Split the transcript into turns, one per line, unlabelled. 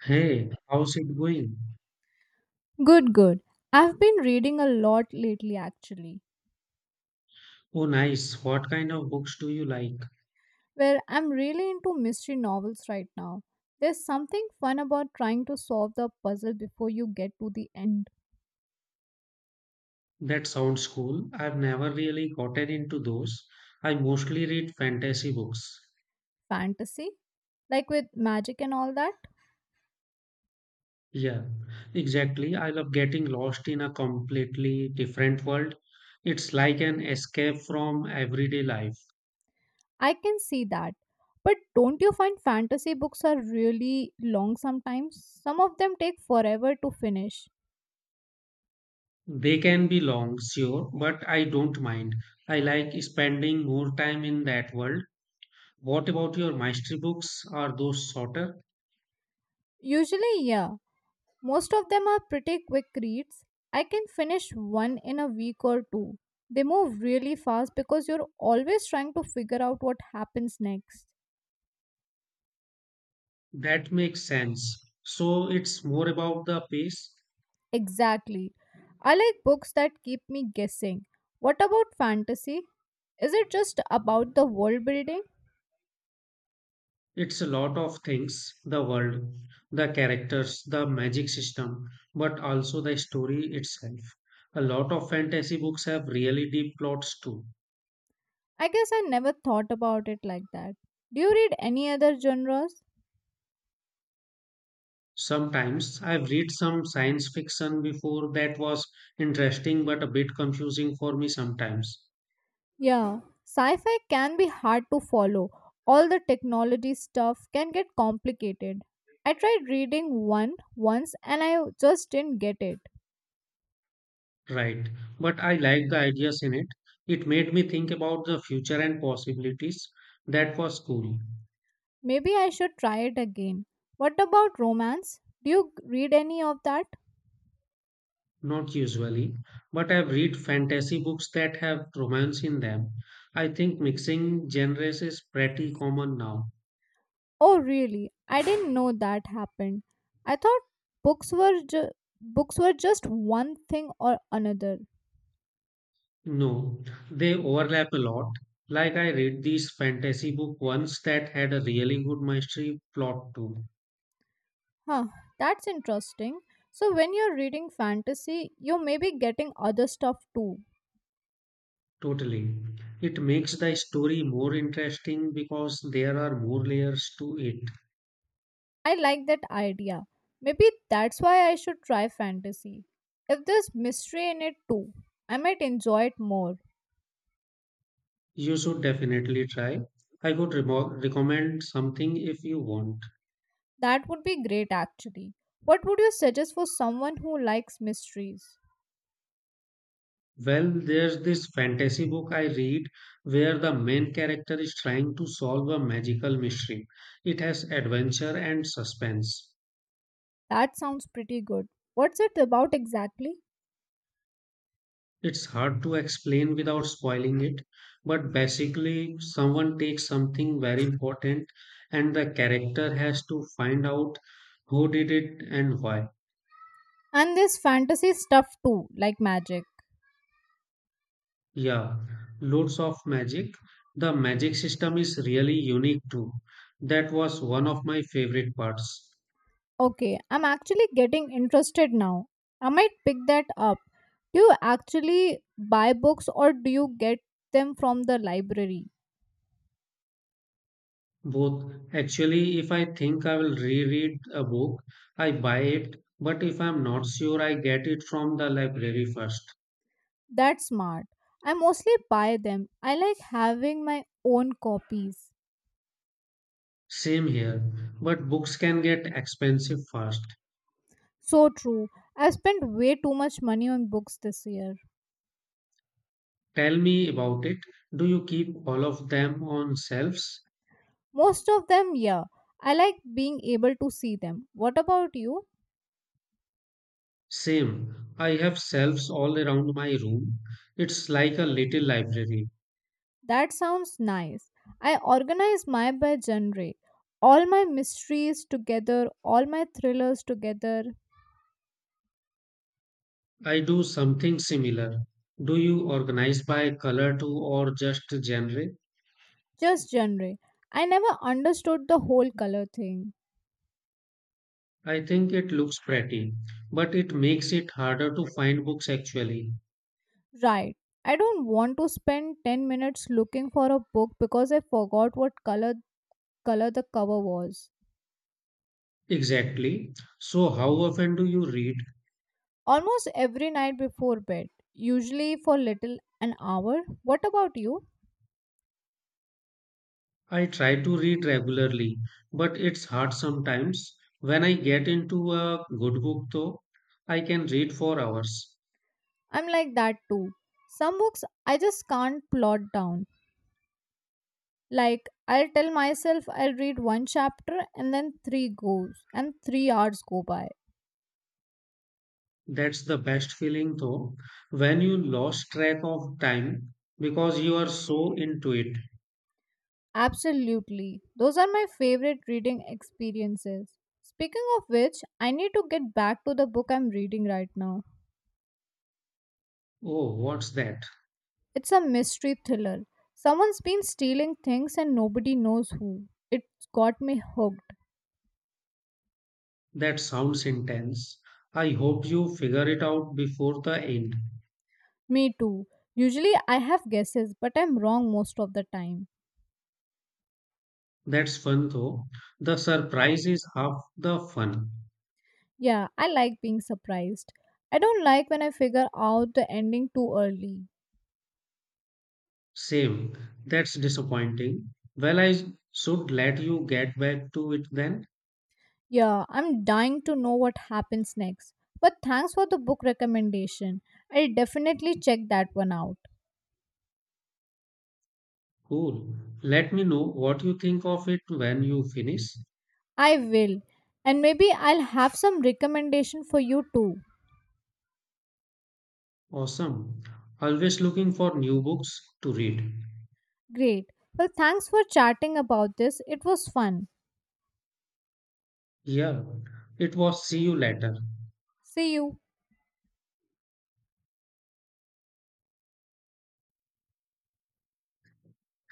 Hey, how's it going?
Good, good. I've been reading a lot lately, actually,
Oh, nice. What kind of books do you like?
where I'm really into mystery novels right now. There's something fun about trying to solve the puzzle before you get to the end.
That sounds cool. I've never really gotten into those. I mostly read fantasy books.
Fantasy? Like with magic and all that?
Yeah, exactly. I love getting lost in a completely different world. It's like an escape from everyday life.
I can see that. But don't you find fantasy books are really long sometimes? Some of them take forever to finish.
They can be long, sure, but I don't mind. I like spending more time in that world. What about your mystery books? Are those shorter?
Usually, yeah. Most of them are pretty quick reads. I can finish one in a week or two. They move really fast because you're always trying to figure out what happens next.
That makes sense. So it's more about the pace.
Exactly. I like books that keep me guessing. What about fantasy? Is it just about the world building?
It's a lot of things, the world, the characters, the magic system, but also the story itself. A lot of fantasy books have really deep plots too.
I guess I never thought about it like that. Do you read any other genres?
Sometimes I've read some science fiction before that was interesting but a bit confusing for me sometimes.
Yeah, sci fi can be hard to follow. All the technology stuff can get complicated. I tried reading one once and I just didn't get it.
Right. But I like the ideas in it. It made me think about the future and possibilities. That was cool.
Maybe I should try it again. What about romance? Do you read any of that?
Not usually, but I've read fantasy books that have romance in them. I think mixing genres is pretty common now.
Oh, really? I didn't know that happened. I thought books were ju- books were just one thing or another.
No, they overlap a lot. Like I read this fantasy book once that had a really good mystery plot too.
Huh, that's interesting. So when you're reading fantasy, you may be getting other stuff too.
Totally. It makes the story more interesting because there are more layers to it.
I like that idea. Maybe that's why I should try fantasy. If there's mystery in it too, I might enjoy it more.
You should definitely try. I would remo recommend something if you want.
That would be great, actually. What would you suggest for someone who likes mysteries?
Well, there's this fantasy book I read where the main character is trying to solve a magical mystery. It has adventure and suspense.
That sounds pretty good. What's it about exactly?
It's hard to explain without spoiling it, but basically, someone takes something very important and the character has to find out who did it and why.
And this fantasy stuff too, like magic.
Yeah, loads of magic. The magic system is really unique too. That was one of my favorite parts.
Okay, I'm actually getting interested now. I might pick that up. Do you actually buy books or do you get them from the library?
Both. Actually, if I think I will reread a book, I buy it, but if I'm not sure, I get it from the library first.
That's smart. I mostly buy them. I like having my own copies.
Same here, but books can get expensive fast.
So true. I spent way too much money on books this year.
Tell me about it. Do you keep all of them on shelves?
Most of them, yeah. I like being able to see them. What about you?
Same. I have shelves all around my room. It's like a little library.
That sounds nice. I organize my by genre. All my mysteries together, all my thrillers together,
I do something similar. Do you organize by color too or just genre?
just genre. I never understood the whole color thing.
I think it looks pretty, but it makes it harder to find books actually.
Right. I don't want to spend 10 minutes looking for a book because I forgot what color the cover was.
Exactly. So, how often do you read?
Almost every night before bed, usually for little an hour. What about you?
I try to read regularly, but it's hard sometimes. When I get into a good book, though, I can read for hours.
I'm like that too. Some books I just can't plot down. Like I'll tell myself I'll read one chapter and then 3 goes and 3 hours go by.
That's the best feeling, though, when you lost track of time because you are so into it.
Absolutely. Those are my favorite reading experiences. Speaking of which, I need to get back to the book I'm reading right now.
Oh, what's that?
It's a mystery thriller. Someone's been stealing things and nobody knows who. It's got me hooked.
That sounds intense. I hope you figure it out before the end.
Me too. Usually I have guesses, but I'm wrong most of the time.
That's fun though. The surprise is half the fun.
Yeah, I like being surprised. I don't like when I figure out the ending too early.
Same. That's disappointing. Well, I should let you get back to it then.
Yeah, I'm dying to know what happens next. But thanks for the book recommendation. I'll definitely check that one out.
Cool. Let me know what you think of it when you finish.
I will. And maybe I'll have some recommendation for you too.
Awesome. Always looking for new books to read.
Great. Well, thanks for chatting about this. It was fun.
Yeah. It was see you later.
See you.